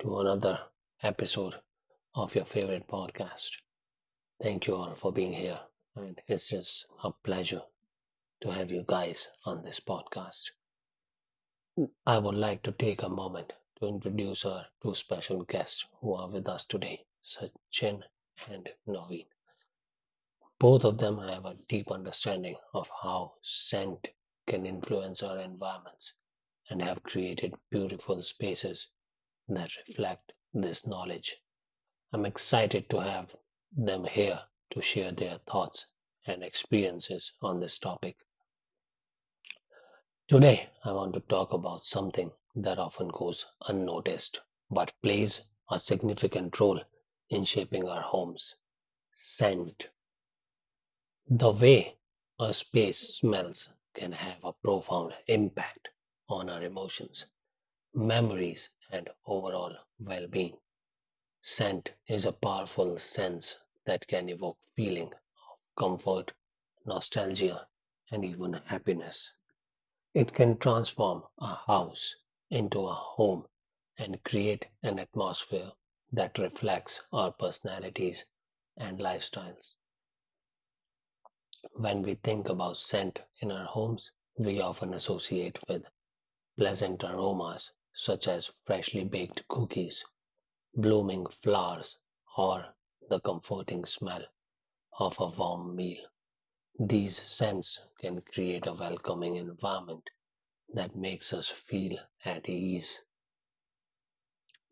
to another episode of your favorite podcast. Thank you all for being here, and it's just a pleasure to have you guys on this podcast. I would like to take a moment to introduce our two special guests who are with us today, Sachin and Naveen. Both of them have a deep understanding of how scent can influence our environments and have created beautiful spaces that reflect this knowledge. I'm excited to have them here to share their thoughts and experiences on this topic. Today, I want to talk about something that often goes unnoticed but plays a significant role in shaping our homes scent. The way a space smells can have a profound impact on our emotions, memories, and overall well being. Scent is a powerful sense that can evoke feeling, comfort, nostalgia, and even happiness. It can transform a house into a home and create an atmosphere that reflects our personalities and lifestyles. When we think about scent in our homes, we often associate with pleasant aromas such as freshly baked cookies, blooming flowers, or the comforting smell of a warm meal. These scents can create a welcoming environment that makes us feel at ease.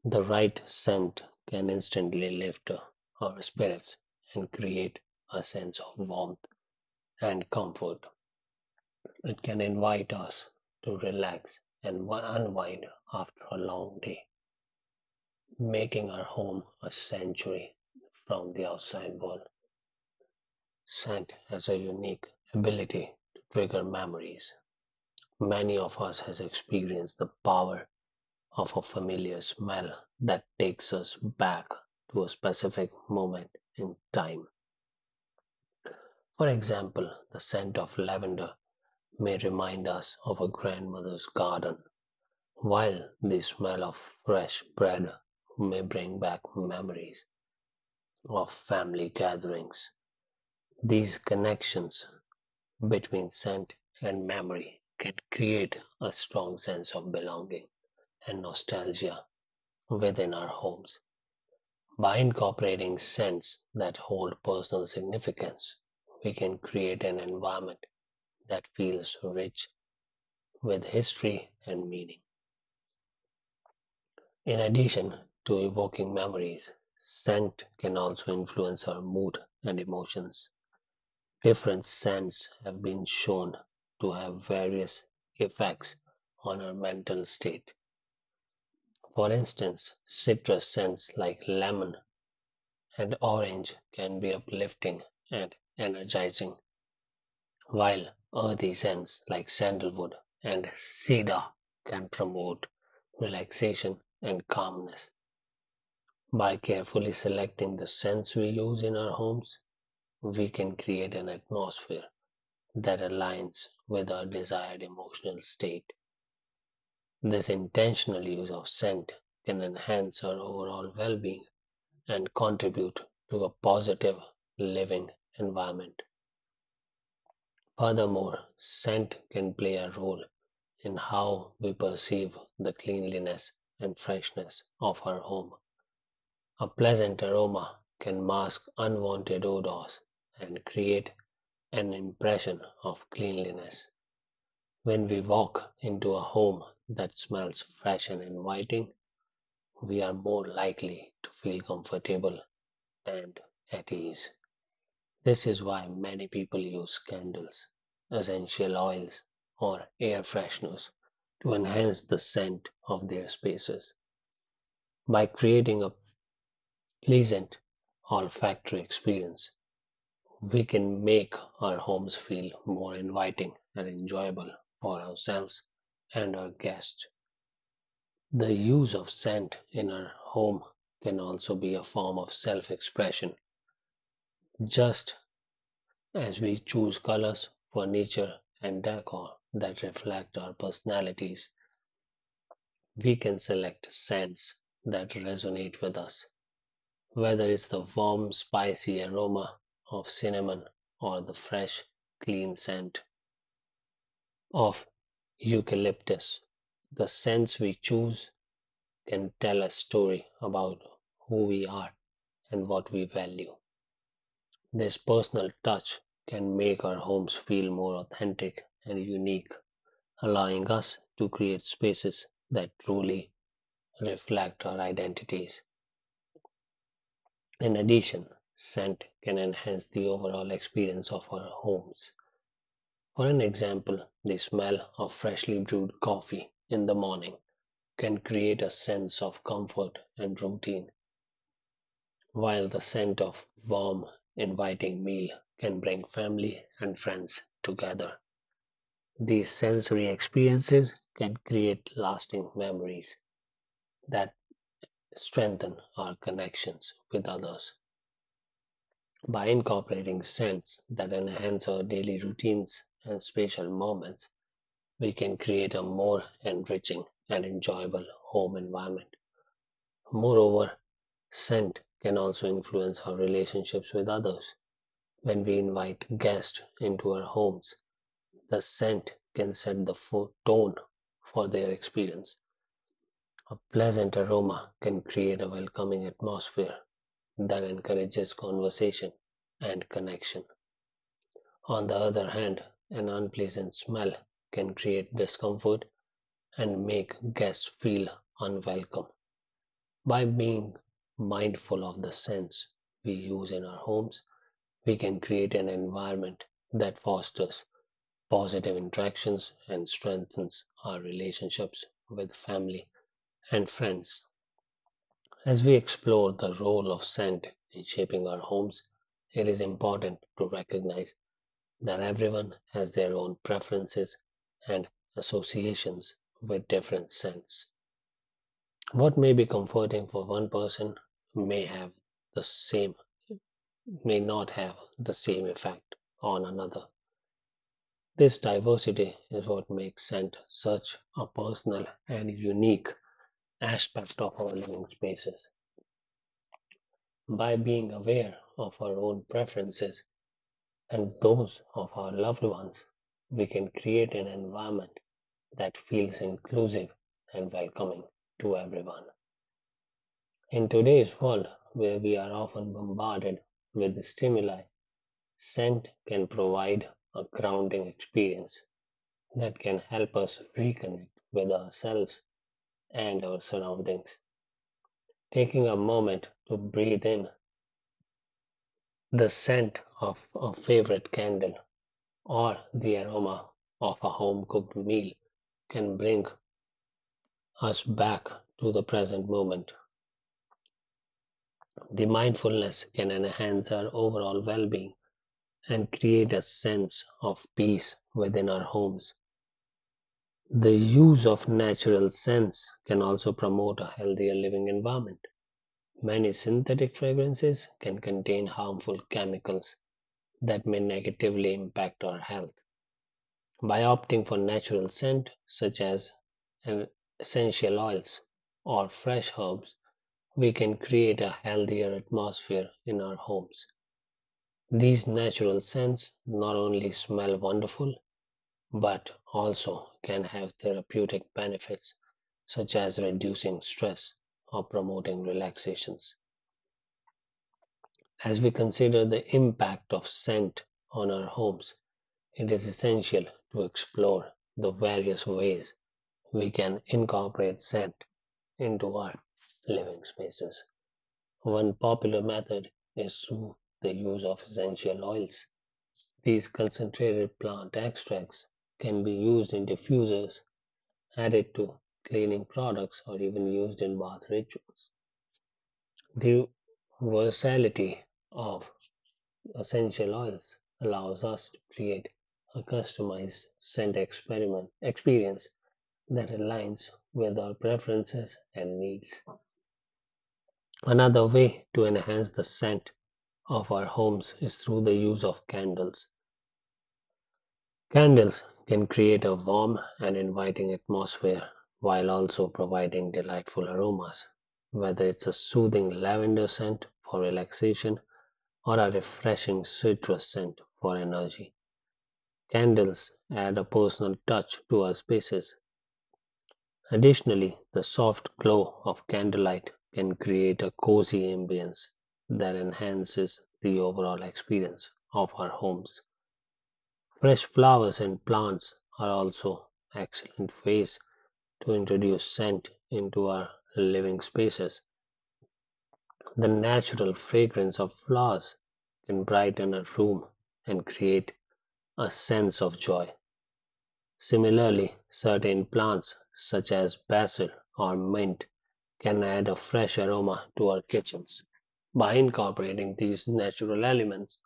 The right scent can instantly lift our spirits and create a sense of warmth and comfort. It can invite us to relax and unwind after a long day, making our home a sanctuary from the outside world. Scent has a unique ability to trigger memories. Many of us has experienced the power of a familiar smell that takes us back to a specific moment in time. For example, the scent of lavender may remind us of a grandmother's garden, while the smell of fresh bread may bring back memories of family gatherings. These connections between scent and memory can create a strong sense of belonging and nostalgia within our homes. By incorporating scents that hold personal significance, we can create an environment that feels rich with history and meaning. In addition to evoking memories, scent can also influence our mood and emotions. Different scents have been shown to have various effects on our mental state. For instance, citrus scents like lemon and orange can be uplifting and energizing, while earthy scents like sandalwood and cedar can promote relaxation and calmness. By carefully selecting the scents we use in our homes, we can create an atmosphere that aligns with our desired emotional state. This intentional use of scent can enhance our overall well being and contribute to a positive living environment. Furthermore, scent can play a role in how we perceive the cleanliness and freshness of our home. A pleasant aroma can mask unwanted odors and create an impression of cleanliness. When we walk into a home that smells fresh and inviting, we are more likely to feel comfortable and at ease. This is why many people use candles, essential oils, or air fresheners to enhance the scent of their spaces. By creating a pleasant olfactory experience, we can make our homes feel more inviting and enjoyable for ourselves and our guests. The use of scent in our home can also be a form of self expression. Just as we choose colors, furniture, and decor that reflect our personalities, we can select scents that resonate with us. Whether it's the warm, spicy aroma of cinnamon or the fresh, clean scent of eucalyptus, the scents we choose can tell a story about who we are and what we value. This personal touch can make our homes feel more authentic and unique, allowing us to create spaces that truly reflect our identities. In addition, scent can enhance the overall experience of our homes. For an example, the smell of freshly brewed coffee in the morning can create a sense of comfort and routine, while the scent of warm, inviting meal can bring family and friends together. These sensory experiences can create lasting memories that strengthen our connections with others. By incorporating scents that enhance our daily routines and special moments, we can create a more enriching and enjoyable home environment. Moreover, scent can also influence our relationships with others. When we invite guests into our homes, the scent can set the tone for their experience. A pleasant aroma can create a welcoming atmosphere that encourages conversation and connection. On the other hand, an unpleasant smell can create discomfort and make guests feel unwelcome. By being mindful of the scents we use in our homes, we can create an environment that fosters positive interactions and strengthens our relationships with family and friends. As we explore the role of scent in shaping our homes, it is important to recognize that everyone has their own preferences and associations with different scents. What may be comforting for one person may have the same may not have the same effect on another. This diversity is what makes scent such a personal and unique aspect of our living spaces. By being aware of our own preferences and those of our loved ones, we can create an environment that feels inclusive and welcoming to everyone. In today's world, where we are often bombarded with stimuli, scent can provide a grounding experience that can help us reconnect with ourselves and our surroundings. Taking a moment to breathe in the scent of a favorite candle or the aroma of a home cooked meal can bring us back to the present moment. The mindfulness can enhance our overall well being and create a sense of peace within our homes. The use of natural scents can also promote a healthier living environment. Many synthetic fragrances can contain harmful chemicals that may negatively impact our health. By opting for natural scent such as essential oils or fresh herbs, we can create a healthier atmosphere in our homes. These natural scents not only smell wonderful, but also can have therapeutic benefits such as reducing stress or promoting relaxations. As we consider the impact of scent on our homes, it is essential to explore the various ways we can incorporate scent into our living spaces. One popular method is through the use of essential oils. These concentrated plant extracts can be used in diffusers, added to cleaning products, or even used in bath rituals. The versatility of essential oils allows us to create a customized scent experiment experience that aligns with our preferences and needs. Another way to enhance the scent of our homes is through the use of candles. Candles can create a warm and inviting atmosphere while also providing delightful aromas, whether it's a soothing lavender scent for relaxation or a refreshing citrus scent for energy. Candles add a personal touch to our spaces. Additionally, the soft glow of candlelight can create a cozy ambience that enhances the overall experience of our homes. Fresh flowers and plants are also excellent ways to introduce scent into our living spaces. The natural fragrance of flowers can brighten a room and create a sense of joy. Similarly, certain plants, such as basil or mint, can add a fresh aroma to our kitchens. By incorporating these natural elements,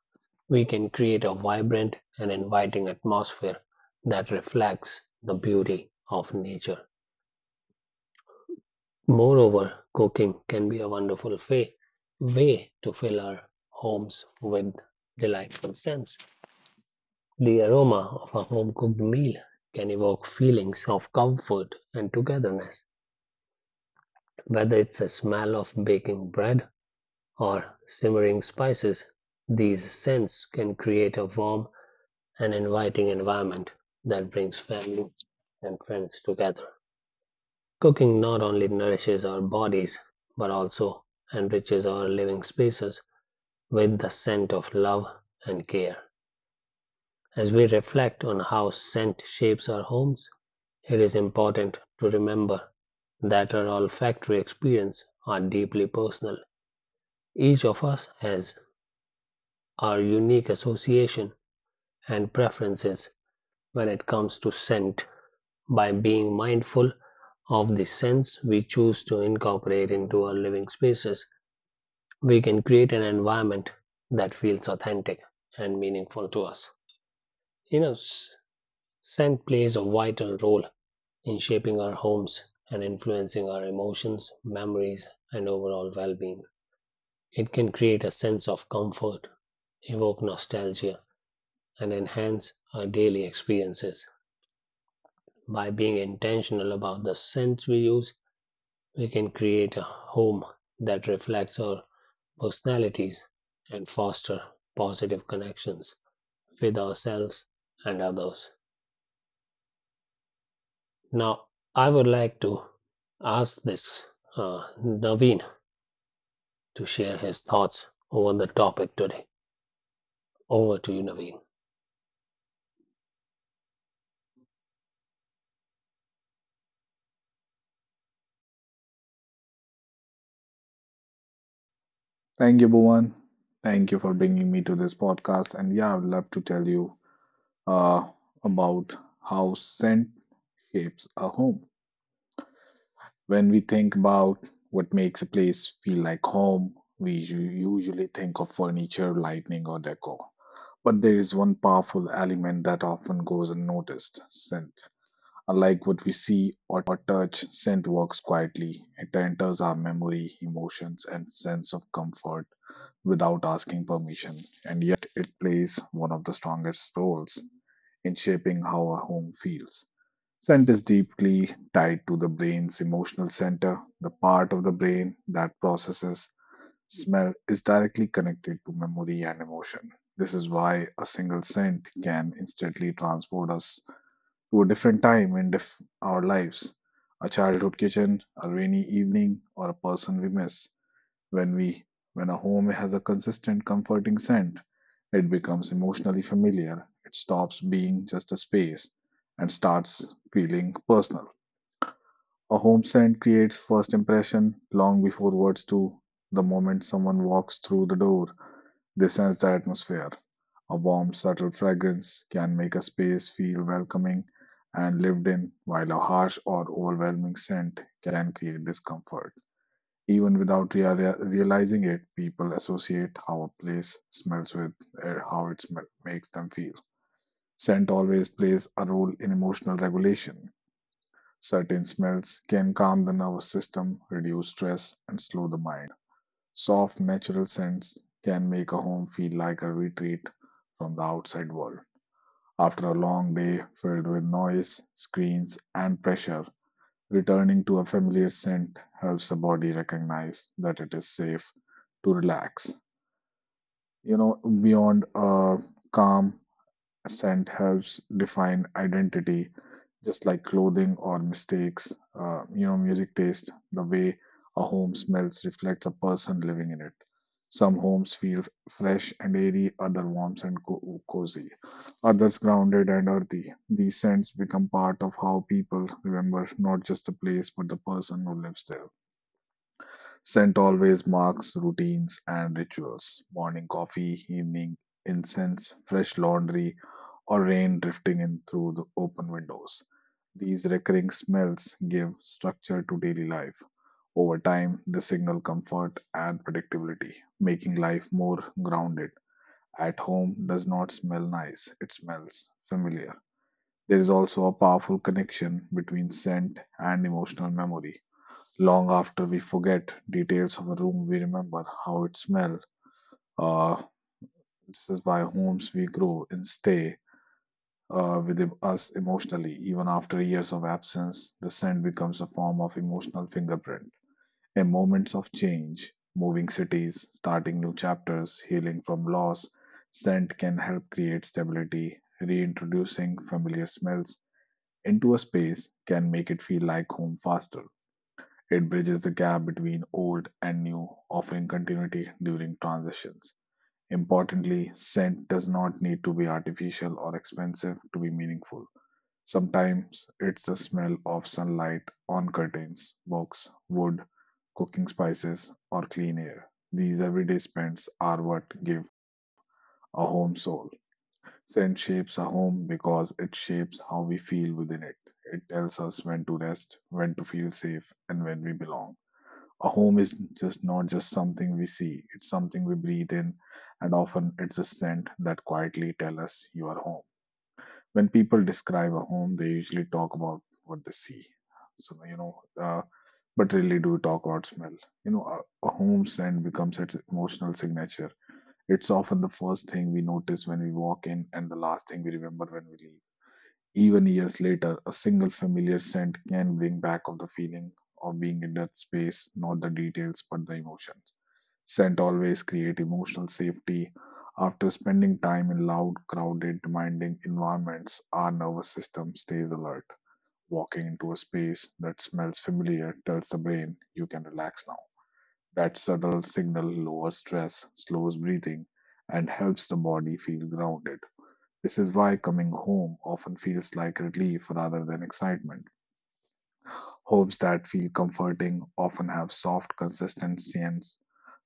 we can create a vibrant and inviting atmosphere that reflects the beauty of nature. Moreover, cooking can be a wonderful way to fill our homes with delightful scents. The aroma of a home cooked meal can evoke feelings of comfort and togetherness. Whether it's the smell of baking bread or simmering spices, these scents can create a warm and inviting environment that brings family and friends together. Cooking not only nourishes our bodies but also enriches our living spaces with the scent of love and care. As we reflect on how scent shapes our homes, it is important to remember that our olfactory experience are deeply personal. Each of us has our unique association and preferences when it comes to scent. By being mindful of the scents we choose to incorporate into our living spaces, we can create an environment that feels authentic and meaningful to us. You know, scent plays a vital role in shaping our homes and influencing our emotions, memories, and overall well being. It can create a sense of comfort, evoke nostalgia, and enhance our daily experiences. By being intentional about the scents we use, we can create a home that reflects our personalities and foster positive connections with ourselves and others. Now, I would like to ask this Naveen to share his thoughts over the topic today. Over to you, Naveen. Thank you, Bhuvan. Thank you for bringing me to this podcast. And yeah, I'd love to tell you uh, about how scent shapes a home. When we think about what makes a place feel like home, we usually think of furniture, lighting, or decor. But there is one powerful element that often goes unnoticed scent. Unlike what we see or touch, scent works quietly. It enters our memory, emotions, and sense of comfort without asking permission, and yet it plays one of the strongest roles in shaping how a home feels. Scent is deeply tied to the brain's emotional center. The part of the brain that processes smell is directly connected to memory and emotion. This is why a single scent can instantly transport us to a different time in our lives a childhood kitchen, a rainy evening, or a person we miss. When we when a home has a consistent comforting scent, it becomes emotionally familiar. It stops being just a space and starts feeling personal. A home scent creates first impression long before words do. The moment someone walks through the door, they sense the atmosphere. A warm, subtle fragrance can make a space feel welcoming and lived in, while a harsh or overwhelming scent can create discomfort. Even without realizing it, people associate how a place smells with how it makes them feel. Scent always plays a role in emotional regulation. Certain smells can calm the nervous system, reduce stress, and slow the mind. Soft, natural scents can make a home feel like a retreat from the outside world. After a long day filled with noise, screens, and pressure, returning to a familiar scent helps the body recognize that it is safe to relax. You know, beyond a calm scent helps define identity, just like clothing or mistakes. You know, music taste, the way a home smells reflects the person living in it. Some homes feel fresh and airy, other warm and cozy, others grounded and earthy. These scents become part of how people remember not just the place but the person who lives there. Scent always marks routines and rituals morning coffee, evening incense, fresh laundry, or rain drifting in through the open windows. These recurring smells give structure to daily life. Over time, they signal comfort and predictability, making life more grounded. At home does not smell nice, it smells familiar. There is also a powerful connection between scent and emotional memory. Long after we forget details of a room, we remember how it smelled. Uh, this is why homes we grow in stay with us emotionally. Even after years of absence, the scent becomes a form of emotional fingerprint. A moments of change, moving cities, starting new chapters, healing from loss, scent can help create stability. Reintroducing familiar smells into a space can make it feel like home faster. It bridges the gap between old and new, offering continuity during transitions. Importantly, scent does not need to be artificial or expensive to be meaningful. Sometimes it's the smell of sunlight on curtains, books, wood, cooking spices, or clean air. These everyday scents are what give a home soul. Scent shapes a home because it shapes how we feel within it. It tells us when to rest, when to feel safe, and when we belong. A home is just not just something we see, it's something we breathe in, and often it's a scent that quietly tells us you are home when people describe a home, they usually talk about what they see. So you know, but really do talk about smell. You know, a home scent becomes its emotional signature. It's often the first thing we notice when we walk in, and the last thing we remember when we leave. Even years later, a single familiar scent can bring back of the feeling of being in that space, not the details, but the emotion. Scent always create emotional safety. After spending time in loud, crowded, demanding environments, our nervous system stays alert. Walking into a space that smells familiar tells the brain you can relax now. That subtle signal lowers stress, slows breathing, and helps the body feel grounded. This is why coming home often feels like relief rather than excitement. Homes that feel comforting often have soft consistency and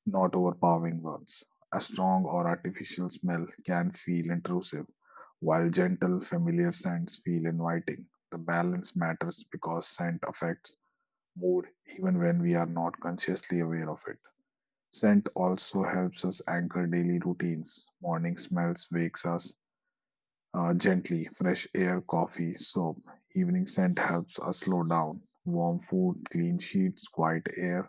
not overpowering ones. A strong or artificial smell can feel intrusive, while gentle, familiar scents feel inviting. The balance matters because scent affects mood even when we are not consciously aware of it. Scent also helps us anchor daily routines. Morning smells wakes us gently, fresh air, coffee, soap. Evening scent helps us slow down. Warm food, clean sheets, quiet air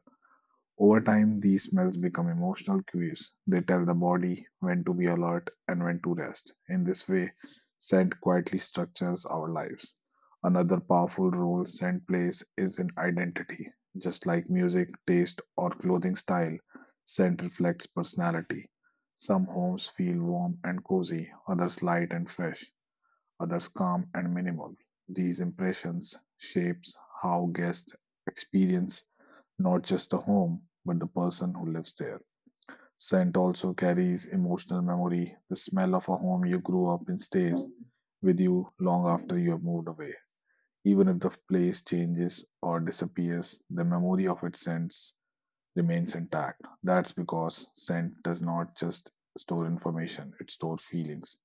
over time, these smells become emotional cues. They tell the body when to be alert and when to rest. In this way, scent quietly structures our lives. Another powerful role scent plays is in identity. Just like music, taste, or clothing style, scent reflects personality. Some homes feel warm and cozy, others light and fresh, others calm and minimal. These impressions shapes how guests experience not just the home, but the person who lives there. Scent also carries emotional memory. The smell of a home you grew up in stays with you long after you have moved away. Even if the place changes or disappears, the memory of its scents remains intact. That's because scent does not just store information, it stores feelings.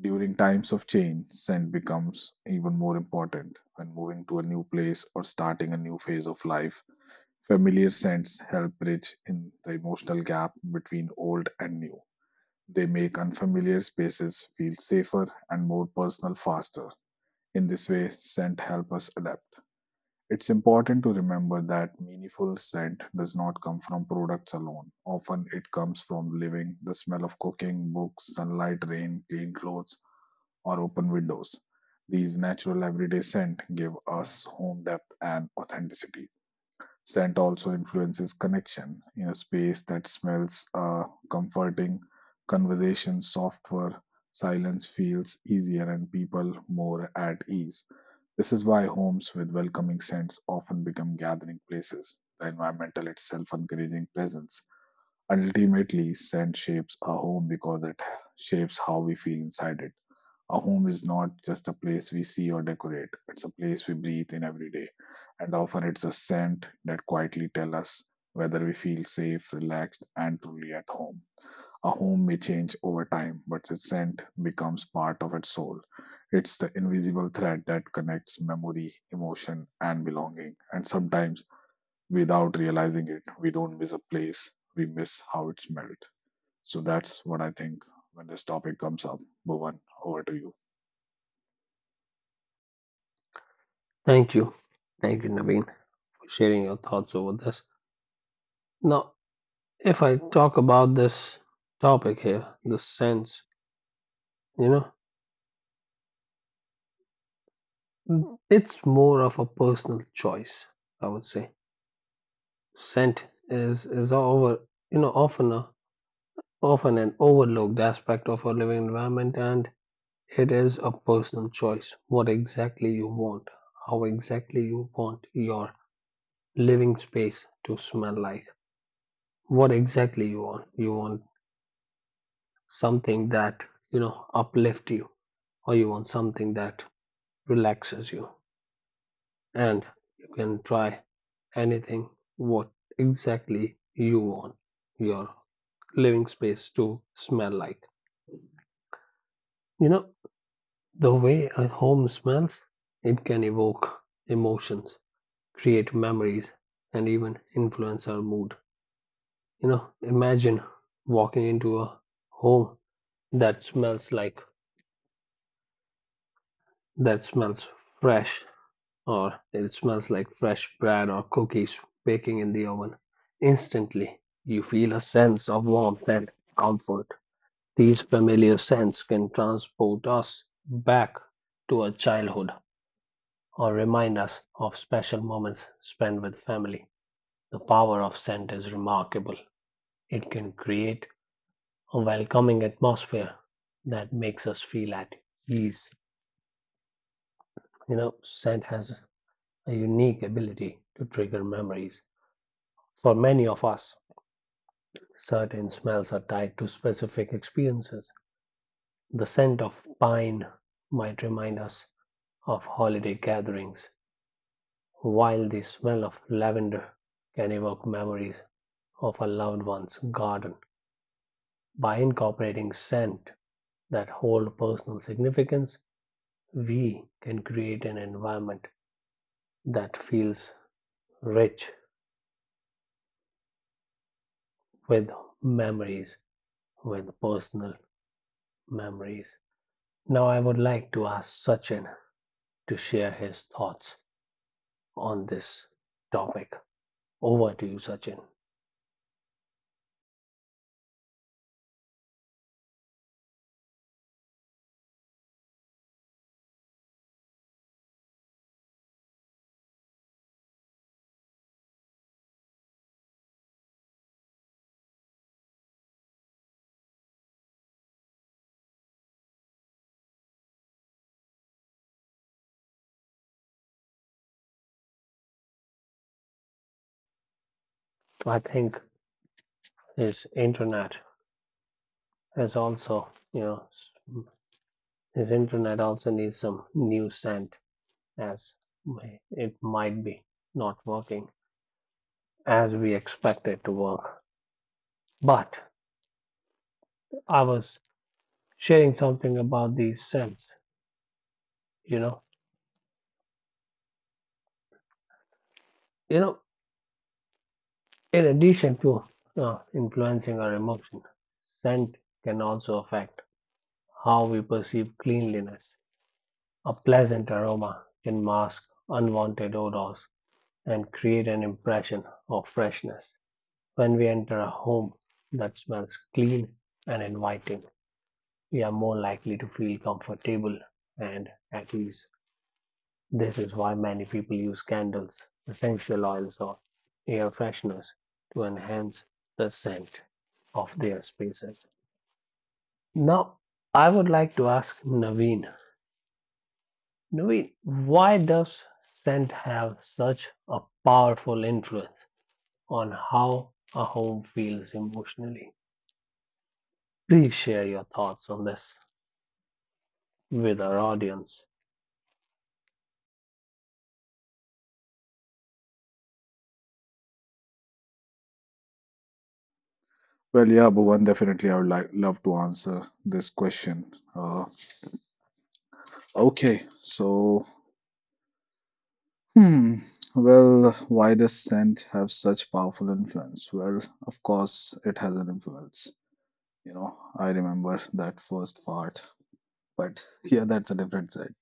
During times of change, scent becomes even more important. When moving to a new place or starting a new phase of life, familiar scents help bridge in the emotional gap between old and new. They make unfamiliar spaces feel safer and more personal faster. In this way, scent help us adapt. It's important to remember that meaningful scent does not come from products alone. Often it comes from living, the smell of cooking, books, sunlight, rain, clean clothes, or open windows. These natural everyday scent give us home depth and authenticity. Scent also influences connection. In a space that smells comforting, conversation softer, silence feels easier, and people more at ease. This is why homes with welcoming scents often become gathering places, the environmental itself encouraging presence. Ultimately, scent shapes a home because it shapes how we feel inside it. A home is not just a place we see or decorate, it's a place we breathe in every day. And often it's a scent that quietly tells us whether we feel safe, relaxed, and truly at home. A home may change over time, but its scent becomes part of its soul. It's the invisible thread that connects memory, emotion, and belonging. And sometimes, without realizing it, we don't miss a place, we miss how it smelled. So that's what I think when this topic comes up. Bhuvan, over to you. Thank you. Thank you, Naveen, for sharing your thoughts over this. Now, if I talk about this topic here, the sense, you know, it's more of a personal choice, I would say. Scent is over, you know, often an overlooked aspect of our living environment, and it is a personal choice. What exactly you want, how exactly you want your living space to smell like, what exactly you want, you want something that, you know, uplift you, or you want something that relaxes you, and you can try anything. What exactly you want your living space to smell like? You know, the way a home smells, it can evoke emotions, create memories, and even influence our mood. You know, imagine walking into a home That smells like that smells fresh, or it smells like fresh bread or cookies baking in the oven. Instantly, you feel a sense of warmth and comfort. These familiar scents can transport us back to our childhood or remind us of special moments spent with family. The power of scent is remarkable. It can create a welcoming atmosphere that makes us feel at ease. You know, scent has a unique ability to trigger memories. For many of us, certain smells are tied to specific experiences. The scent of pine might remind us of holiday gatherings, while the smell of lavender can evoke memories of a loved one's garden. By incorporating scent that hold personal significance, we can create an environment that feels rich with memories, with personal memories. Now, I would like to ask Sachin to share his thoughts on this topic. Over to you, Sachin. I think his internet is also, you know, his internet also needs some new scent, as it might be not working as we expect it to work. But I was sharing something about these scents, you know. You know, In addition to influencing our emotion, scent can also affect how we perceive cleanliness. A pleasant aroma can mask unwanted odors and create an impression of freshness. When we enter a home that smells clean and inviting, we are more likely to feel comfortable and at ease. This is why many people use candles, essential oils, or air fresheners to enhance the scent of their spaces. Now, I would like to ask Naveen, why does scent have such a powerful influence on how a home feels emotionally? Please share your thoughts on this with our audience. Well, yeah, Bhuvan, definitely I would like love to answer this question. Uh, okay, so hmm, well, why does scent have such powerful influence? Well, of course, it has an influence. You know, I remember that first part, but yeah, that's a different side.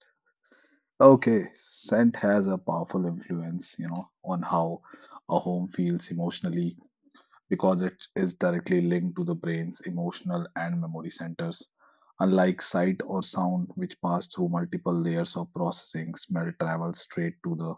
Okay, scent has a powerful influence, you know, on how a home feels emotionally because it is directly linked to the brain's emotional and memory centers. Unlike sight or sound, which pass through multiple layers of processing, smell travels straight to the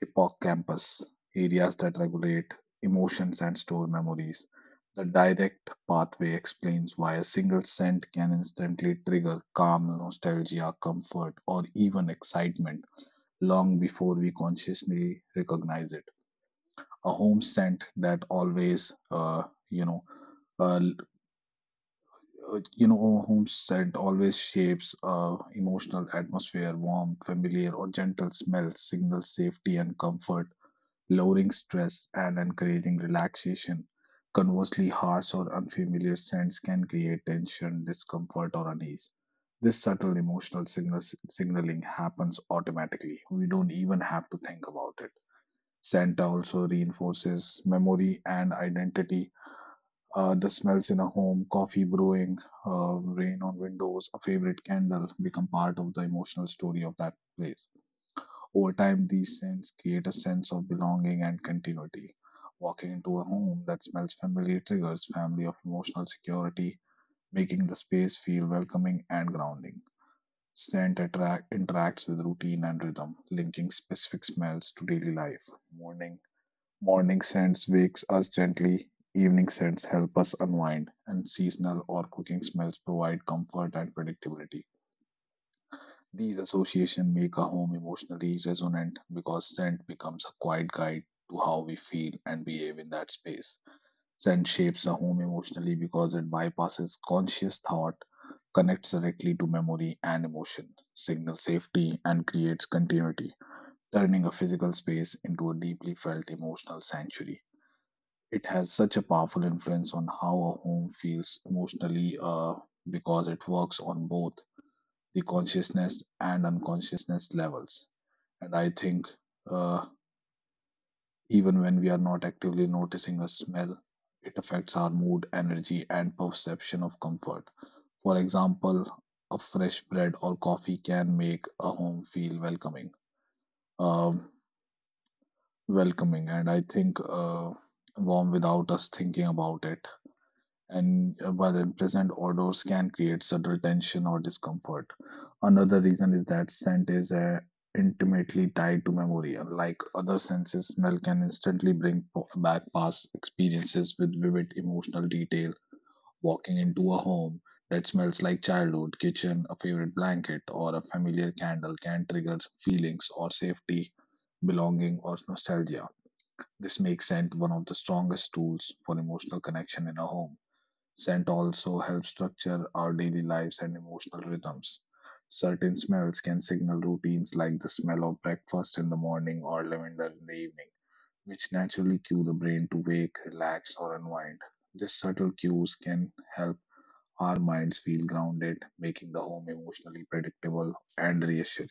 hippocampus, areas that regulate emotions and store memories. The direct pathway explains why a single scent can instantly trigger calm, nostalgia, comfort, or even excitement long before we consciously recognize it a home scent that always you know uh, uh, you know a home scent always shapes emotional atmosphere warm familiar or gentle smells signal safety and comfort lowering stress and encouraging relaxation conversely harsh or unfamiliar scents can create tension discomfort or unease this subtle emotional signals signaling happens automatically we don't even have to think about it Santa also reinforces memory and identity. The smells in a home, coffee brewing, rain on windows, a favorite candle become part of the emotional story of that place. Over time, these scents create a sense of belonging and continuity. Walking into a home that smells familiar triggers family of emotional security, making the space feel welcoming and grounding. Scent attract, interacts with routine and rhythm, linking specific smells to daily life. Morning Morning scents wakes us gently, evening scents help us unwind, and seasonal or cooking smells provide comfort and predictability. These associations make a home emotionally resonant because scent becomes a quiet guide to how we feel and behave in that space. Scent shapes a home emotionally because it bypasses conscious thought, connects directly to memory and emotion, signals safety, and creates continuity, turning a physical space into a deeply felt emotional sanctuary. It has such a powerful influence on how a home feels emotionally because it works on both the consciousness and unconsciousness levels. And I think uh, even when we are not actively noticing a smell, it affects our mood, energy, and perception of comfort. For example, a fresh bread or coffee can make a home feel welcoming. Um, Welcoming, and I think warm without us thinking about it and while unpleasant odors can create subtle tension or discomfort. Another reason is that scent is intimately tied to memory. Unlike other senses, smell can instantly bring back past experiences with vivid emotional detail. Walking into a home that smells like childhood, kitchen, a favorite blanket, or a familiar candle can trigger feelings or safety, belonging, or nostalgia. This makes scent one of the strongest tools for emotional connection in a home. Scent also helps structure our daily lives and emotional rhythms. Certain smells can signal routines like the smell of breakfast in the morning or lavender in the evening, which naturally cue the brain to wake, relax, or unwind. These subtle cues can help our minds feel grounded, making the home emotionally predictable and reassuring.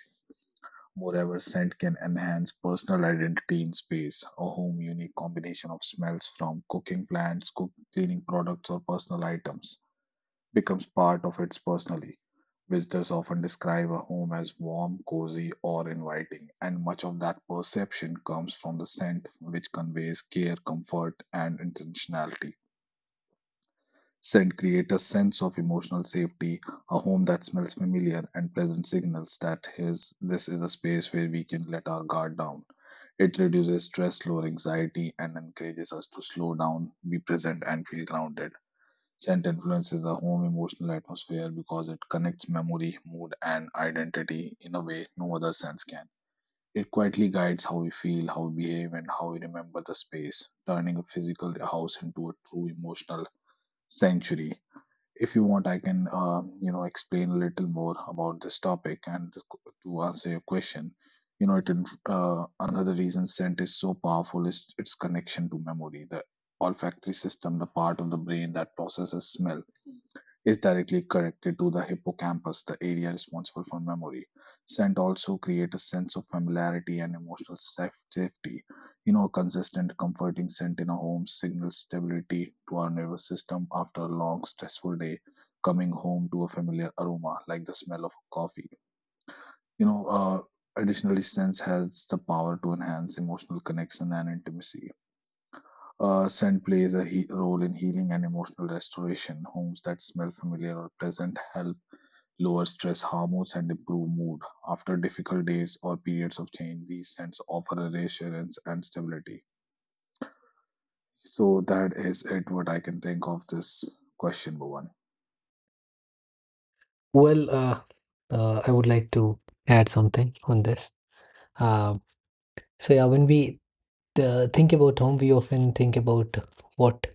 Moreover, scent can enhance personal identity in space. A home unique combination of smells from cooking plants, cleaning products, or personal items becomes part of its personality. Visitors often describe a home as warm, cozy, or inviting, and much of that perception comes from the scent, which conveys care, comfort, and intentionality. Scent creates a sense of emotional safety, a home that smells familiar and pleasant signals that this is a space where we can let our guard down. It reduces stress, lower anxiety, and encourages us to slow down, be present, and feel grounded. Scent influences the home emotional atmosphere because it connects memory, mood, and identity in a way no other sense can. It quietly guides how we feel, how we behave, and how we remember the space, turning a physical house into a true emotional sanctuary. If you want, I can, you know, explain a little more about this topic and to answer your question. You know, it another reason scent is so powerful is its connection to memory, the olfactory system, the part of the brain that processes smell is directly connected to the hippocampus, the area responsible for memory. Scent also creates a sense of familiarity and emotional safety. You know, a consistent, comforting scent in a home signals stability to our nervous system after a long, stressful day. Coming home to a familiar aroma, like the smell of coffee. You know, additionally, scent has the power to enhance emotional connection and intimacy. Scent plays a role in healing and emotional restoration. Homes that smell familiar or pleasant help lower stress hormones, and improve mood. After difficult days or periods of change, these scents offer a reassurance and stability. So that is it what I can think of this question, Bhuvan. Well, uh, I would like to add something on this. Uh, when we think about home, we often think about what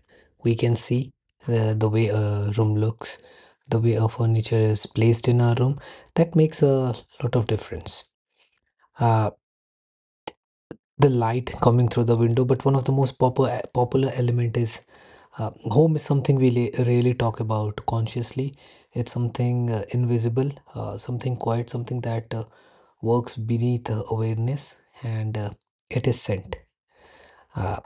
we can see, the way a room looks, the way our furniture is placed in our room. That makes a lot of difference. Uh, the light coming through the window, but one of the most popular element is home is something we really talk about consciously. It's something invisible, something quiet, something that. Works beneath awareness and it is sent. Uh,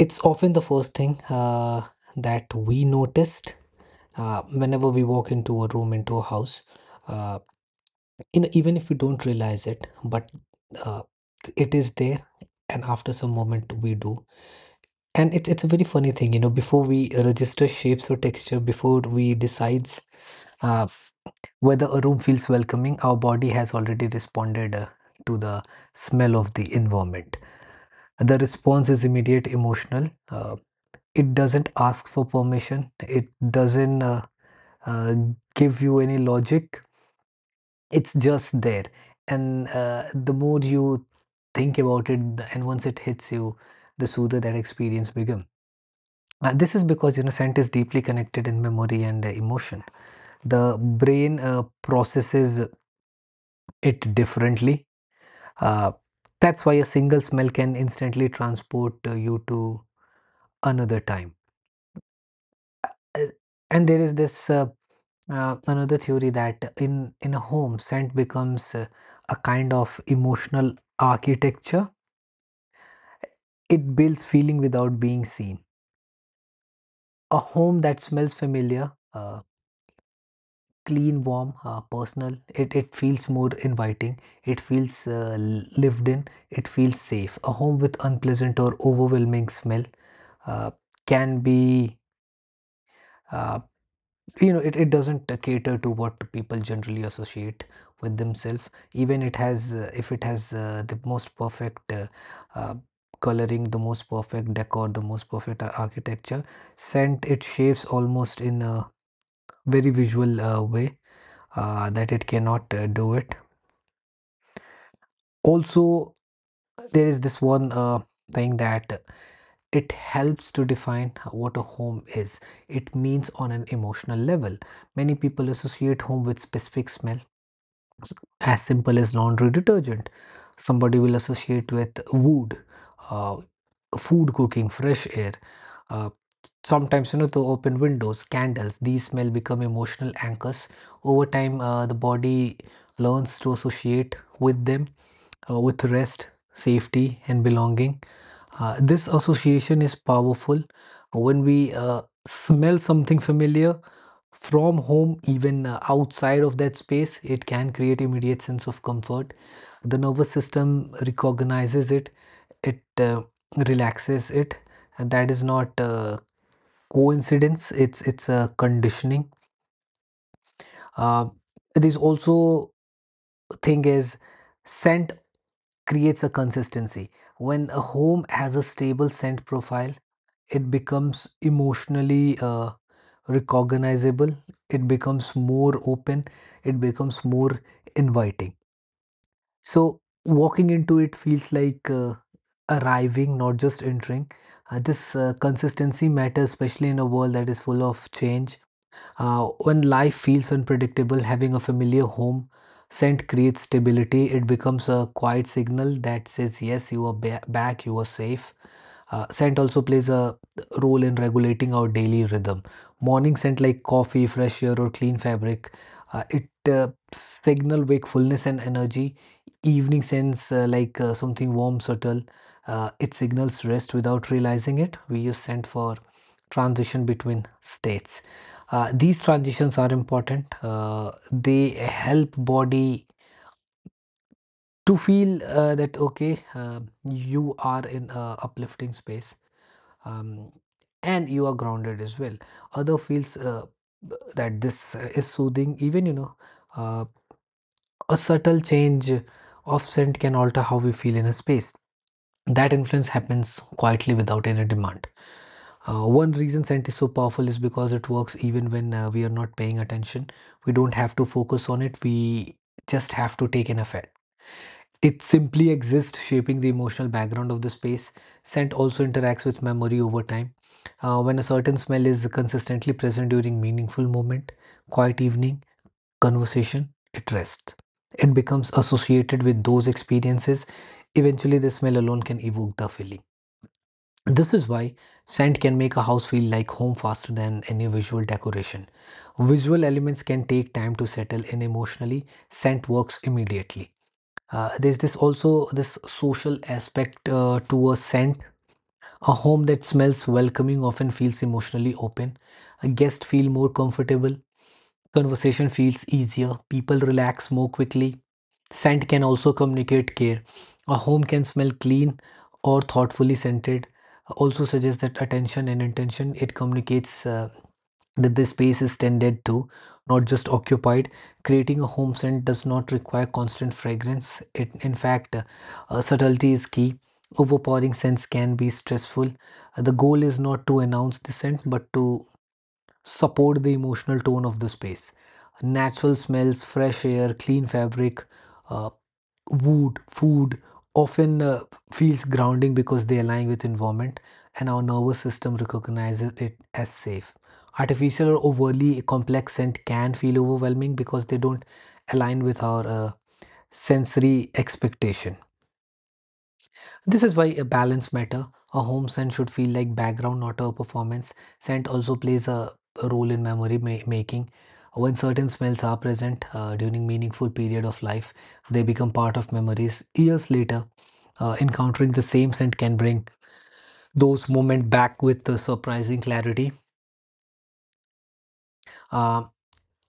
it's often the first thing that we noticed whenever we walk into a room, into a house. Uh, Even if we don't realize it, but uh, it is there, and after some moment we do. And it's a very funny thing. Before we register shapes or texture, before we decides uh, whether a room feels welcoming, our body has already responded to the smell of the environment. The response is immediate, emotional. It doesn't ask for permission. It doesn't uh, give you any logic. It's just there. And the more you think about it, and once it hits you, the smoother that experience becomes. This is because scent is deeply connected in memory and emotion. The brain processes it differently. Uh, that's why a single smell can instantly transport you to another time. Uh, and there is this another theory that in a home scent becomes a kind of emotional architecture. It builds feeling without being seen. A home that smells familiar, clean, warm, personal, it feels more inviting, it feels lived in, it feels safe. A home with unpleasant or overwhelming smell uh, can be, uh, it doesn't cater to what people generally associate with themselves. Even it has if it has the most perfect uh, coloring, the most perfect decor, the most perfect architecture, scent it shaves almost in a very visual way that it cannot do it. Also there is this one thing that it helps to define what a home is. It means on an emotional level, many people associate home with specific smell as simple as laundry detergent. Somebody will associate with wood, uh, food cooking, fresh air. Uh, sometimes, the open windows, candles, these smell become emotional anchors. Over time, the body learns to associate with them, with rest, safety, and belonging. This association is powerful. When we smell something familiar from home, even outside of that space, it can create immediate sense of comfort. The nervous system recognizes it, it relaxes it, and that is not coincidence. It's a conditioning. Uh, it is also thing is scent creates a consistency. When a home has a stable scent profile, it becomes emotionally recognizable, it becomes more open, it becomes more inviting, so walking into it feels like arriving, not just entering. This consistency matters, especially in a world that is full of change. Uh, when life feels unpredictable, having a familiar home scent creates stability. It becomes a quiet signal that says yes, you are back, you are safe. Uh, scent also plays a role in regulating our daily rhythm. Morning scent like coffee, fresh air, or clean fabric, it signal wakefulness and energy. Evening scents like something warm, subtle, it signals rest. Without realizing it, we use scent for transition between states. These transitions are important. They help body to feel that okay, you are in a uplifting space um, and you are grounded as well. Other feels that this is soothing. Even uh, a subtle change of scent can alter how we feel in a space. That influence happens quietly without any demand. One reason scent is so powerful is because it works even when we are not paying attention. We don't have to focus on it. We just have to take an effect. It simply exists, shaping the emotional background of the space. Scent also interacts with memory over time. When a certain smell is consistently present during meaningful moment, quiet evening, conversation, it rests. It becomes associated with those experiences. Eventually, the smell alone can evoke the feeling. This is why scent can make a house feel like home faster than any visual decoration. Visual elements can take time to settle in emotionally, scent works immediately. There's this also this social aspect to a scent. A home that smells welcoming often feels emotionally open. A guest feel more comfortable. Conversation feels easier. People relax more quickly. Scent can also communicate care. A home can smell clean or thoughtfully scented. Also suggests that attention and intention, it communicates that the space is tended to, not just occupied. Creating a home scent does not require constant fragrance. It, in fact, subtlety is key. Overpowering scents can be stressful. The goal is not to announce the scent, but to support the emotional tone of the space. Natural smells, fresh air, clean fabric, uh, wood, food often feels grounding because they align with environment and our nervous system recognizes it as safe. Artificial or overly complex scent can feel overwhelming because they don't align with our sensory expectation. This is why a balance matter. A home scent should feel like background, not a performance. Scent also plays a role in memory making. When certain smells are present during meaningful period of life, they become part of memories. Years later, encountering the same scent can bring those moments back with surprising clarity. Um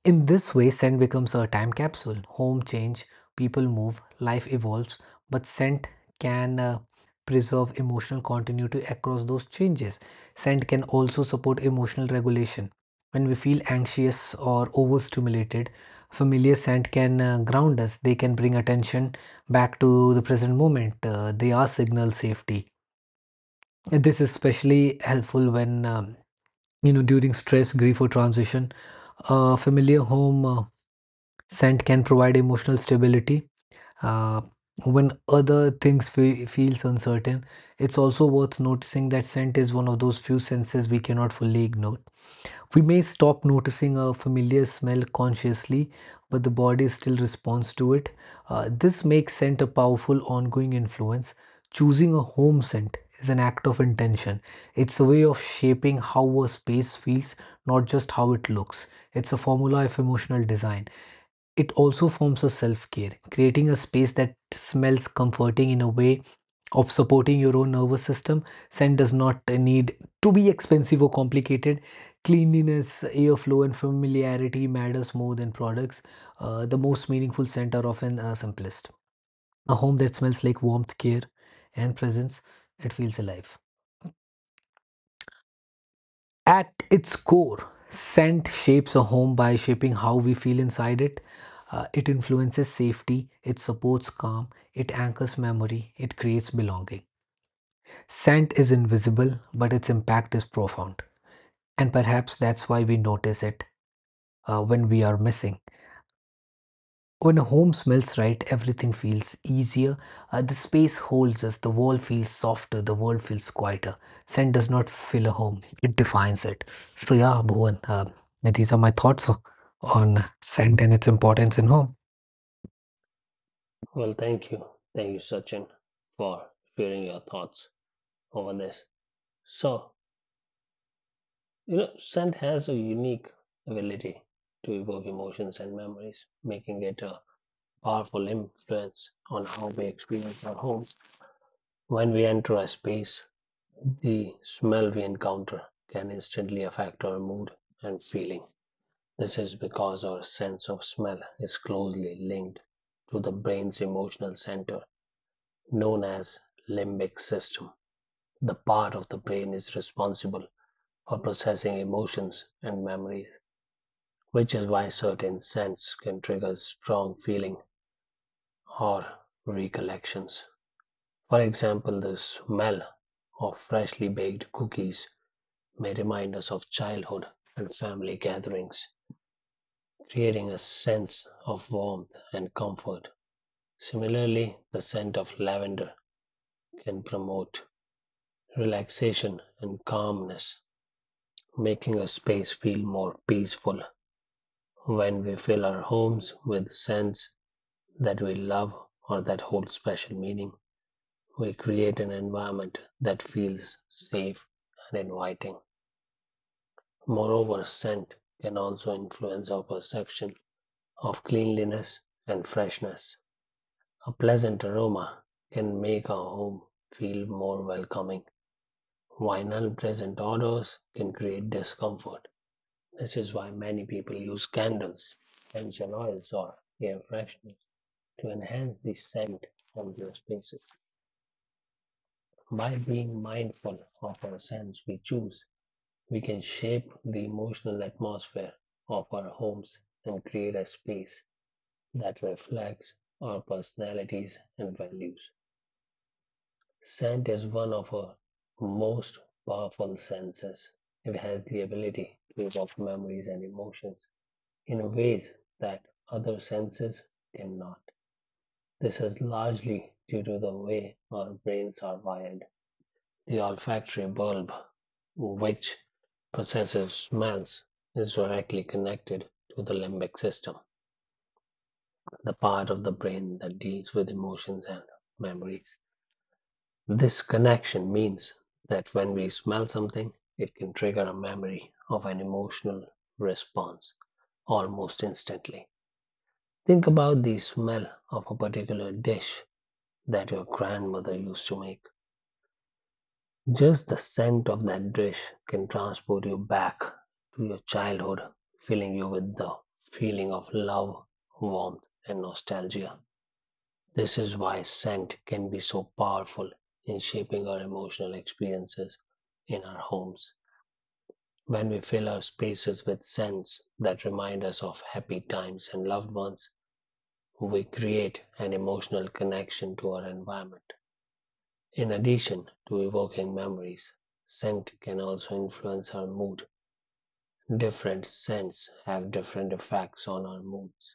In this way, scent becomes a time capsule. Home change, people move, life evolves, but scent can preserve emotional continuity across those changes. Scent can also support emotional regulation. When we feel anxious or overstimulated, familiar scent can ground us. They can bring attention back to the present moment. They are signal safety. This is especially helpful when during stress, grief, or transition. A familiar home. Scent can provide emotional stability uh, when other things fe feels uncertain. It's also worth noticing that scent is one of those few senses we cannot fully ignore. We may stop noticing a familiar smell consciously, but the body still responds to it. This makes scent a powerful ongoing influence. Choosing a home scent is an act of intention. It's a way of shaping how a space feels, not just how it looks. It's a formula of emotional design. It also forms a self care, creating a space that smells comforting in a way of supporting your own nervous system. Scent does not need to be expensive or complicated. Cleanliness, airflow, and familiarity matters more than products. The most meaningful scents are often simplest. A home that smells like warmth, care, and presence, it feels alive. At its core, scent shapes a home by shaping how we feel inside it. It influences safety, it supports calm, it anchors memory, it creates belonging. Scent is invisible, but its impact is profound. And perhaps that's why we notice it when we are missing. When a home smells right, everything feels easier. The space holds us, the wall feels softer, the world feels quieter. Scent does not fill a home, it defines it. So, yeah, Bhuvan, these are my thoughts on scent and its importance in home. Well, thank you. Thank you, Sachin, for sharing your thoughts over this. So, you know, scent has a unique ability to evoke emotions and memories, making it a powerful influence on how we experience our home. When we enter a space, the smell we encounter can instantly affect our mood and feeling. This is because our sense of smell is closely linked to the brain's emotional center, known as limbic system. The part of the brain is responsible for processing emotions and memories, which is why certain scents can trigger strong feeling or recollections. For example, the smell of freshly baked cookies may remind us of childhood and family gatherings, creating a sense of warmth and comfort. Similarly, the scent of lavender can promote relaxation and calmness, making a space feel more peaceful. When we fill our homes with scents that we love or that hold special meaning, we create an environment that feels safe and inviting. Moreover, scent can also influence our perception of cleanliness and freshness. A pleasant aroma can make our home feel more welcoming, while unpleasant odors can create discomfort. This is why many people use candles, essential oils, or air fresheners to enhance the scent of their spaces. By being mindful of our scents we choose, we can shape the emotional atmosphere of our homes and create a space that reflects our personalities and values. Scent is one of our most powerful senses. It has the ability to evoke memories and emotions in ways that other senses cannot. This is largely due to the way our brains are wired. The olfactory bulb, which processes smells, is directly connected to the limbic system, the part of the brain that deals with emotions and memories. This connection means that when we smell something, it can trigger a memory of an emotional response almost instantly. Think about the smell of a particular dish that your grandmother used to make. Just the scent of that dish can transport you back to your childhood, filling you with the feeling of love, warmth, and nostalgia. This is why scent can be so powerful in shaping our emotional experiences in our homes. When we fill our spaces with scents that remind us of happy times and loved ones, we create an emotional connection to our environment. In addition to evoking memories, scent can also influence our mood. Different scents have different effects on our moods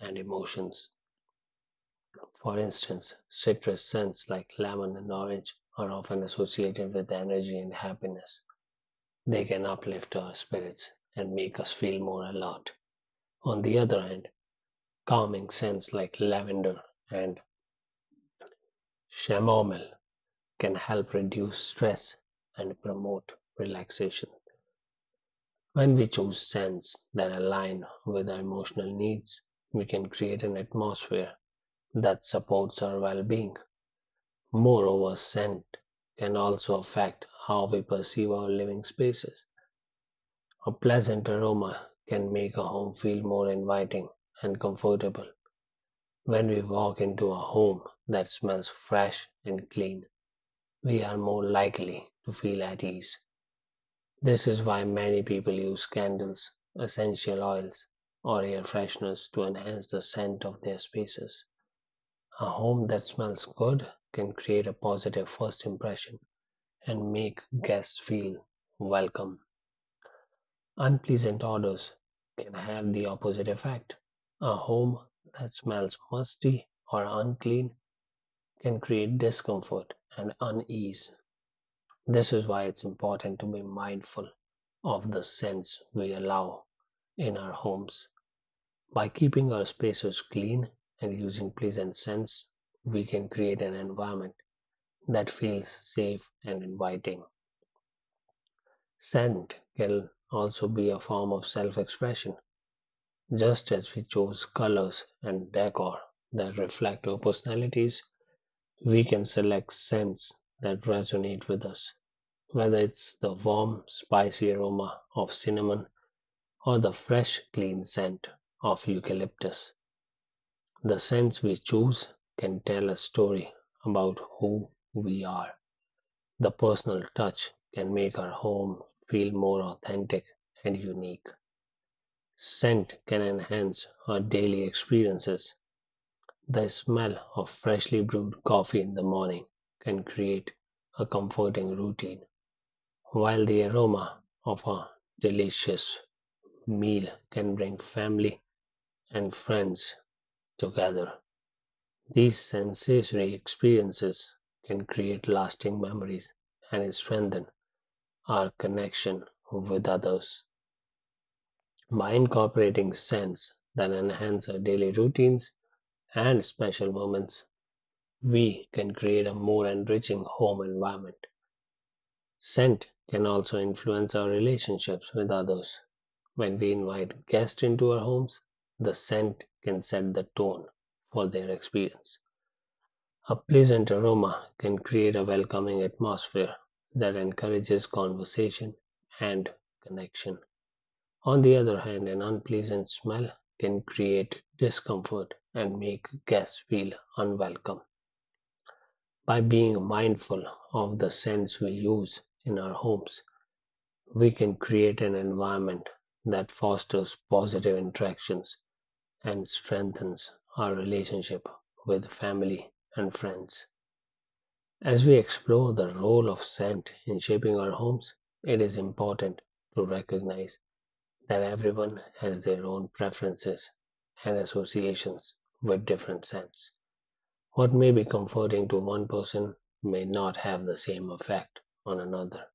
and emotions. For instance, citrus scents like lemon and orange are often associated with energy and happiness. They can uplift our spirits and make us feel more alert. On the other hand, calming scents like lavender and chamomile can help reduce stress and promote relaxation. When we choose scents that align with our emotional needs, we can create an atmosphere that supports our well being. Moreover, scent can also affect how we perceive our living spaces. A pleasant aroma can make a home feel more inviting and comfortable. When we walk into a home that smells fresh and clean, we are more likely to feel at ease. This is why many people use candles, essential oils, or air fresheners to enhance the scent of their spaces. A home that smells good can create a positive first impression and make guests feel welcome. Unpleasant odors can have the opposite effect. A home that smells musty or unclean can create discomfort and unease. This is why it's important to be mindful of the scents we allow in our homes. By keeping our spaces clean and using pleasant scents, we can create an environment that feels safe and inviting. Scent can also be a form of self expression. Just as we choose colors and decor that reflect our personalities, we can select scents that resonate with us, whether it's the warm, spicy aroma of cinnamon or the fresh, clean scent of eucalyptus. The scents we choose can tell a story about who we are. The personal touch can make our home feel more authentic and unique. Scent can enhance our daily experiences. The smell of freshly brewed coffee in the morning can create a comforting routine, while the aroma of a delicious meal can bring family and friends together. These sensory experiences can create lasting memories and strengthen our connection with others. By incorporating scents that enhance our daily routines and special moments, we can create a more enriching home environment. Scent can also influence our relationships with others. When we invite guests into our homes, the scent can set the tone for their experience. A pleasant aroma can create a welcoming atmosphere that encourages conversation and connection. On the other hand, an unpleasant smell can create discomfort and make guests feel unwelcome. By being mindful of the scents we use in our homes, we can create an environment that fosters positive interactions and strengthens our relationship with family and friends. As we explore the role of scent in shaping our homes, it is important to recognize that everyone has their own preferences and associations with different scents. What may be comforting to one person may not have the same effect on another.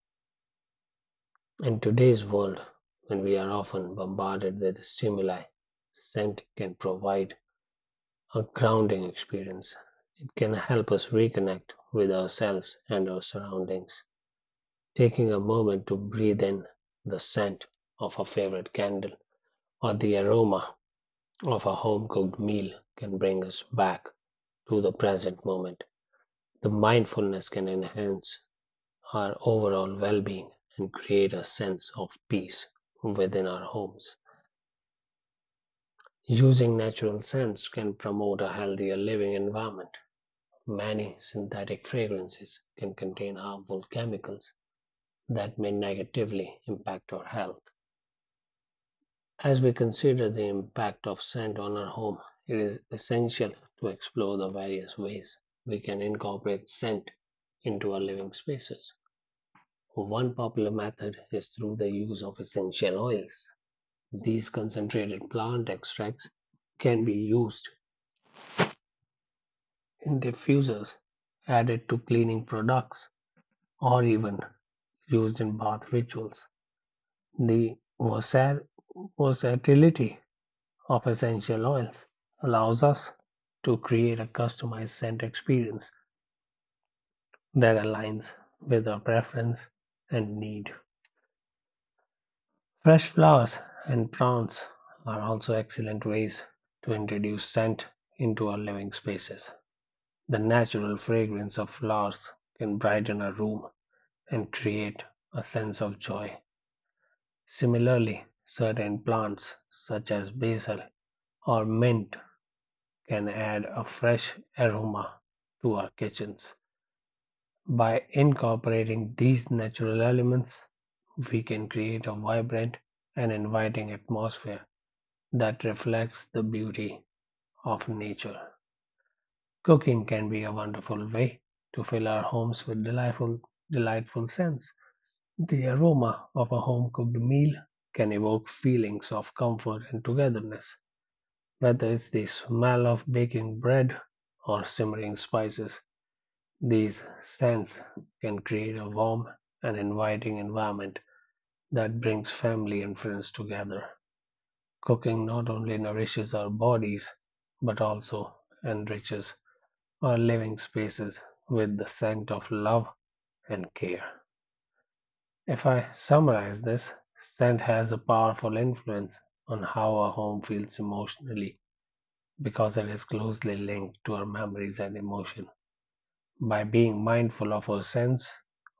In today's world, when we are often bombarded with stimuli, scent can provide a grounding experience. It can help us reconnect with ourselves and our surroundings. Taking a moment to breathe in the scent of a favorite candle or the aroma of a home cooked meal can bring us back to the present moment. The mindfulness can enhance our overall well being and create a sense of peace within our homes. Using natural scents can promote a healthier living environment. Many synthetic fragrances can contain harmful chemicals that may negatively impact our health. As we consider the impact of scent on our home, it is essential to explore the various ways we can incorporate scent into our living spaces. One popular method is through the use of essential oils. These concentrated plant extracts can be used in diffusers, added to cleaning products, or even used in bath rituals. The versatility of essential oils allows us to create a customized scent experience that aligns with our preference and need. Fresh flowers and plants are also excellent ways to introduce scent into our living spaces. The natural fragrance of flowers can brighten a room and create a sense of joy. Similarly, certain plants, such as basil or mint, can add a fresh aroma to our kitchens. By incorporating these natural elements, we can create a vibrant and inviting atmosphere that reflects the beauty of nature. Cooking can be a wonderful way to fill our homes with delightful scents. The aroma of a home cooked meal can evoke feelings of comfort and togetherness, whether it's the smell of baking bread or simmering spices. These scents can create a warm and inviting environment that brings family and friends together. Cooking not only nourishes our bodies but also enriches our living spaces with the scent of love and care. If I summarize this, scent has a powerful influence on how our home feels emotionally because it is closely linked to our memories and emotion. By being mindful of our sense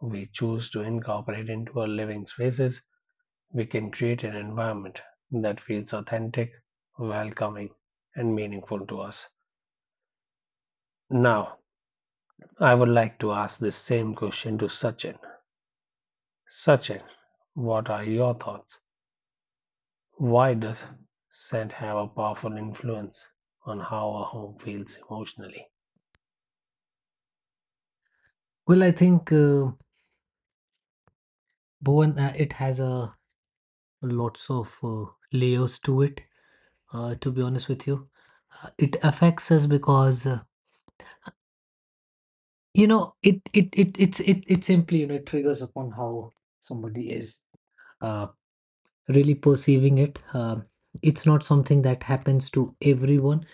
we choose to incorporate into our living spaces, we can create an environment that feels authentic, welcoming, and meaningful to us. Now, I would like to ask this same question to Sachin. Sachin, what are your thoughts? Why does scent have a powerful influence on how a home feels emotionally? Well, I think, Bhuvan, it has a lots of layers to it to be honest with you, it affects us because, it simply, it triggers upon how somebody is uh, really perceiving it. It's not something that happens to everyone,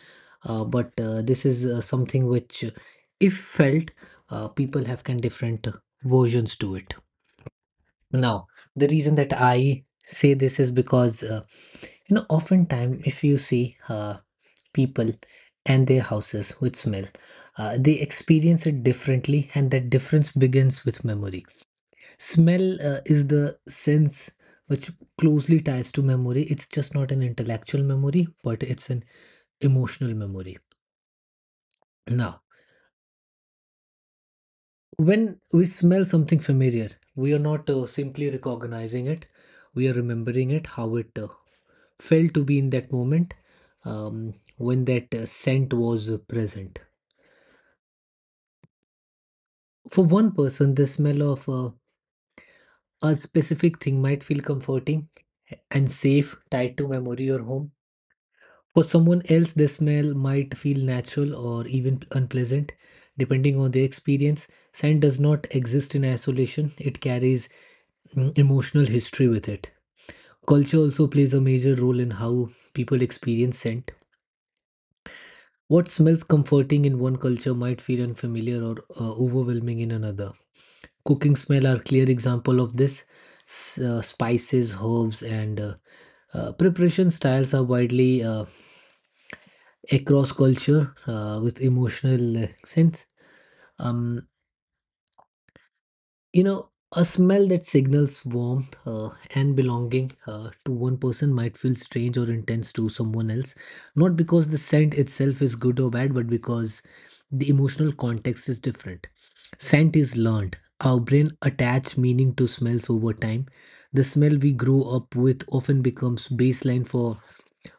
but this is something which, if felt, people have can different versions to it. Now, the reason that I say this is because, oftentimes if you see people and their houses with smell. They experience it differently, and that difference begins with memory. Smell is the sense which closely ties to memory. It's just not an intellectual memory, but it's an emotional memory. Now, when we smell something familiar, we are not simply recognizing it, we are remembering it, how it felt to be in that moment when that scent was present. For one person, the smell of a specific thing might feel comforting and safe, tied to memory or home. For someone else, the smell might feel natural or even unpleasant, depending on their experience. Scent does not exist in isolation, it carries emotional history with it. Culture also plays a major role in how people experience scent. What smells comforting in one culture might feel unfamiliar or overwhelming in another cooking smell are clear example of this spices herbs and preparation styles are widely across culture with emotional accents. Um, you know, a smell that signals warmth and belonging to one person might feel strange or intense to someone else, not because the scent itself is good or bad, but because the emotional context is different. Scent is learned. Our brain attach meaning to smells over time. The smell we grow up with often becomes baseline for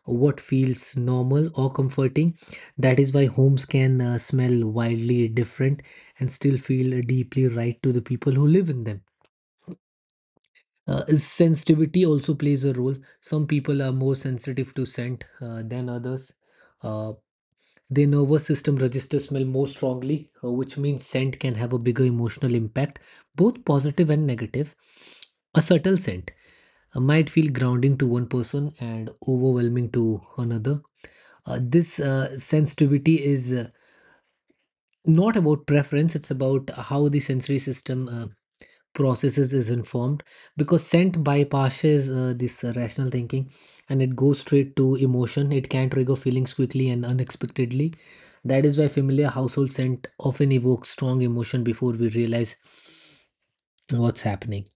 what feels normal or comforting. That is why homes can smell wildly different and still feel deeply right to the people who live in them. Sensitivity also plays a role. Some people are more sensitive to scent than others. Uh, their nervous system registers smell more strongly, which means scent can have a bigger emotional impact, both positive and negative. A subtle scent might feel grounding to one person and overwhelming to another. This sensitivity is not about preference, it's about how the sensory system processes is informed. Because scent bypasses this rational thinking and it goes straight to emotion, it can trigger feelings quickly and unexpectedly. That is why familiar household scent often evokes strong emotion before we realize what's happening.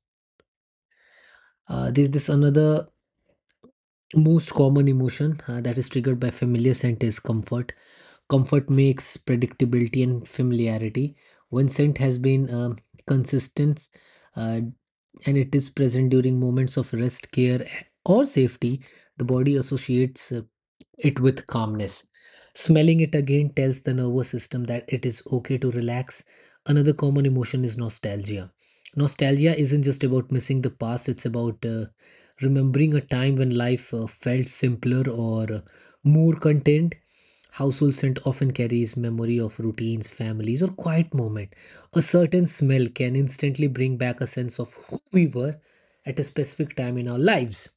There's this another most common emotion that is triggered by familiar scent is comfort. Comfort makes predictability and familiarity. One scent has been consistent uh, and it is present during moments of rest, care, or safety. The body associates it with calmness. Smelling it again tells the nervous system that it is okay to relax. Another common emotion is nostalgia. Nostalgia isn't just about missing the past, it's about remembering a time when life felt simpler or more contained. Household scent often carries memory of routines, families, or quiet moment. A certain smell can instantly bring back a sense of who we were at a specific time in our lives.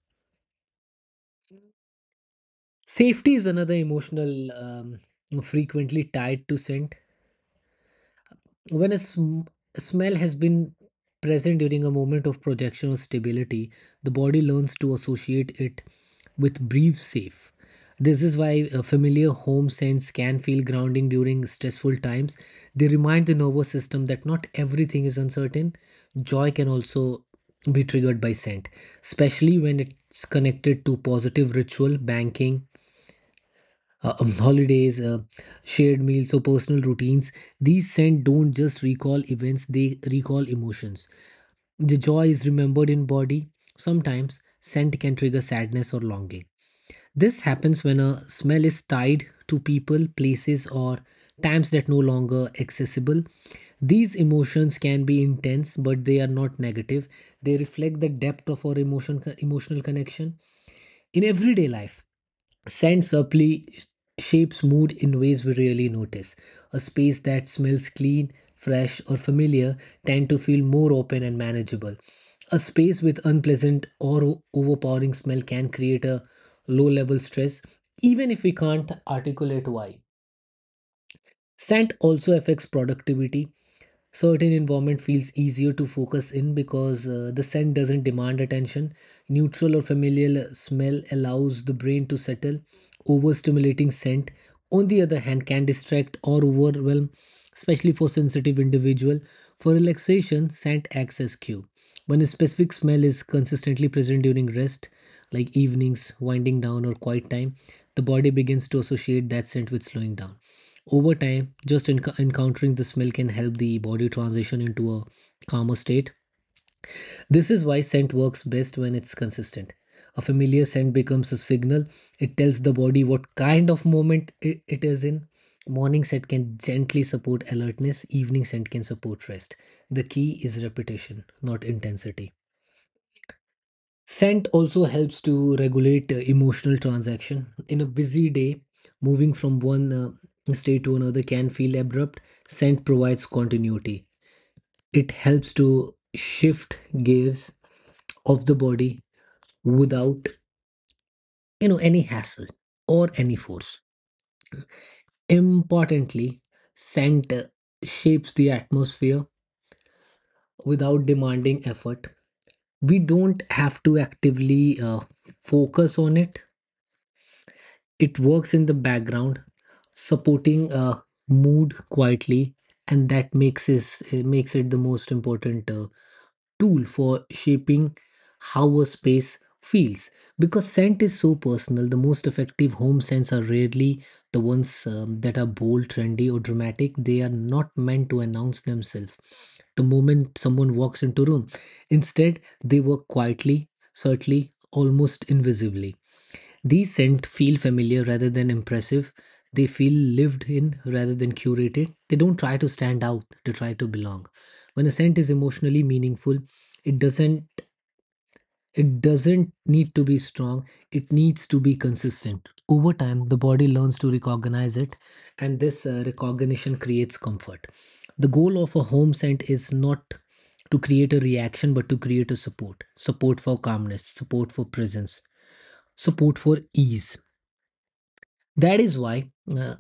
Safety is another emotional frequently tied to scent. When a smell has been present during a moment of projection or stability, the body learns to associate it with brief safe. This is why familiar home scents can feel grounding during stressful times. They remind the nervous system that not everything is uncertain. Joy can also be triggered by scent, especially when it's connected to positive ritual, banking, holidays, shared meals, or personal routines. These scents don't just recall events, they recall emotions. The joy is remembered in body. Sometimes scent can trigger sadness or longing. This happens when a smell is tied to people, places, or times that no longer accessible. These emotions can be intense, but they are not negative. They reflect the depth of our emotion, emotional connection. In everyday life, Sand subtly shapes mood in ways we rarely notice. A space that smells clean, fresh, or familiar tend to feel more open and manageable. A space with unpleasant or overpowering smell can create a low level stress, even if we can't articulate why. Scent also affects productivity certain environment feels easier to focus in because the scent doesn't demand attention neutral or familiar smell allows the brain to settle overstimulating scent on the other hand can distract or overwhelm especially for sensitive individual for relaxation scent acts as cue when a specific smell is consistently present during rest like evenings winding down or quiet time the body begins to associate that scent with slowing down. Over time, just encountering the smell can help the body transition into a calmer state. This is why scent works best when it's consistent. A familiar scent becomes a signal, it tells the body what kind of moment it is in. Morning scent can gently support alertness, evening scent can support rest. The key is repetition, not intensity. Scent also helps to regulate emotional transaction. In a busy day, moving from one state to another can feel abrupt. Scent provides continuity. It helps to shift gears of the body without, you know, any hassle or any force. Importantly, scent shapes the atmosphere without demanding effort. We don't have to actively focus on it. It works in the background, supporting a mood quietly, and that makes it the most important tool for shaping how a space feels. Because scent is so personal, the most effective home scents are rarely the ones that are bold, trendy, or dramatic. They are not meant to announce themselves the moment someone walks into room. Instead, they work quietly, subtly, almost invisibly. These scents feel familiar rather than impressive. They feel lived in rather than curated. They don't try to stand out, they try to belong. When a scent is emotionally meaningful, it doesn't it doesn't need to be strong, it needs to be consistent. Over time, the body learns to recognize it, and this recognition creates comfort. The goal of a home scent is not to create a reaction, but to create a support for calmness, support for presence, support for ease. That is why uh,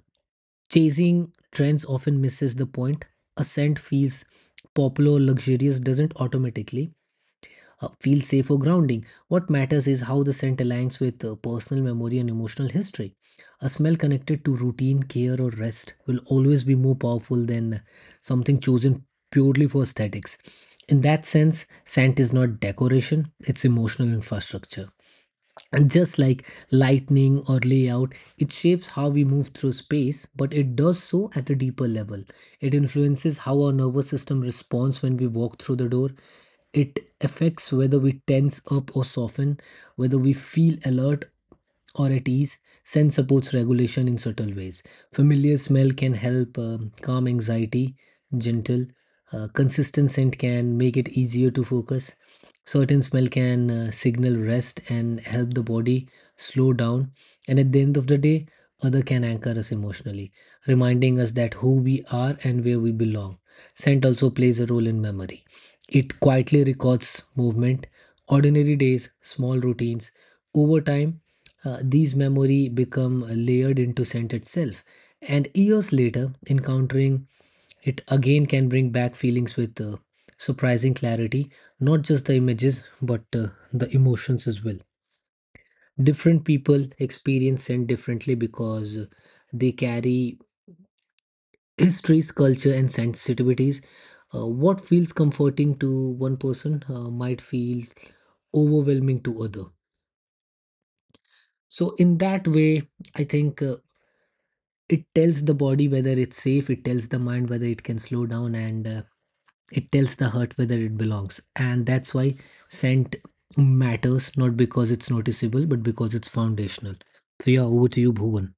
chasing trends often misses the point. A scent feels popular, luxurious, doesn't automatically feel safe or grounding. What matters is how the scent aligns with personal memory and emotional history. A smell connected to routine, care, or rest will always be more powerful than something chosen purely for aesthetics. In that sense, scent is not decoration, it's emotional infrastructure. And just like lightning or layout, it shapes how we move through space, but it does so at a deeper level. It influences how our nervous system responds when we walk through the door. It affects whether we tense up or soften, whether we feel alert or at ease, scent supports regulation in subtle ways. Familiar smell can help calm anxiety, gentle, consistent scent can make it easier to focus. Certain smell can signal rest and help the body slow down. And at the end of the day, other can anchor us emotionally, reminding us that who we are and where we belong. Scent also plays a role in memory. It quietly records movement, ordinary days, small routines. Over time, these memory become layered into scent itself, and years later, encountering it again can bring back feelings with surprising clarity. Not just the images, but the emotions as well. Different people experience scent differently because they carry histories, culture, and sensitivities. What feels comforting to one person might feel overwhelming to other. So in that way, I think. It tells the body whether it's safe, it tells the mind whether it can slow down, and it tells the heart whether it belongs. And that's why scent matters, not because it's noticeable, but because it's foundational. So, yeah, over to you, Bhuvan.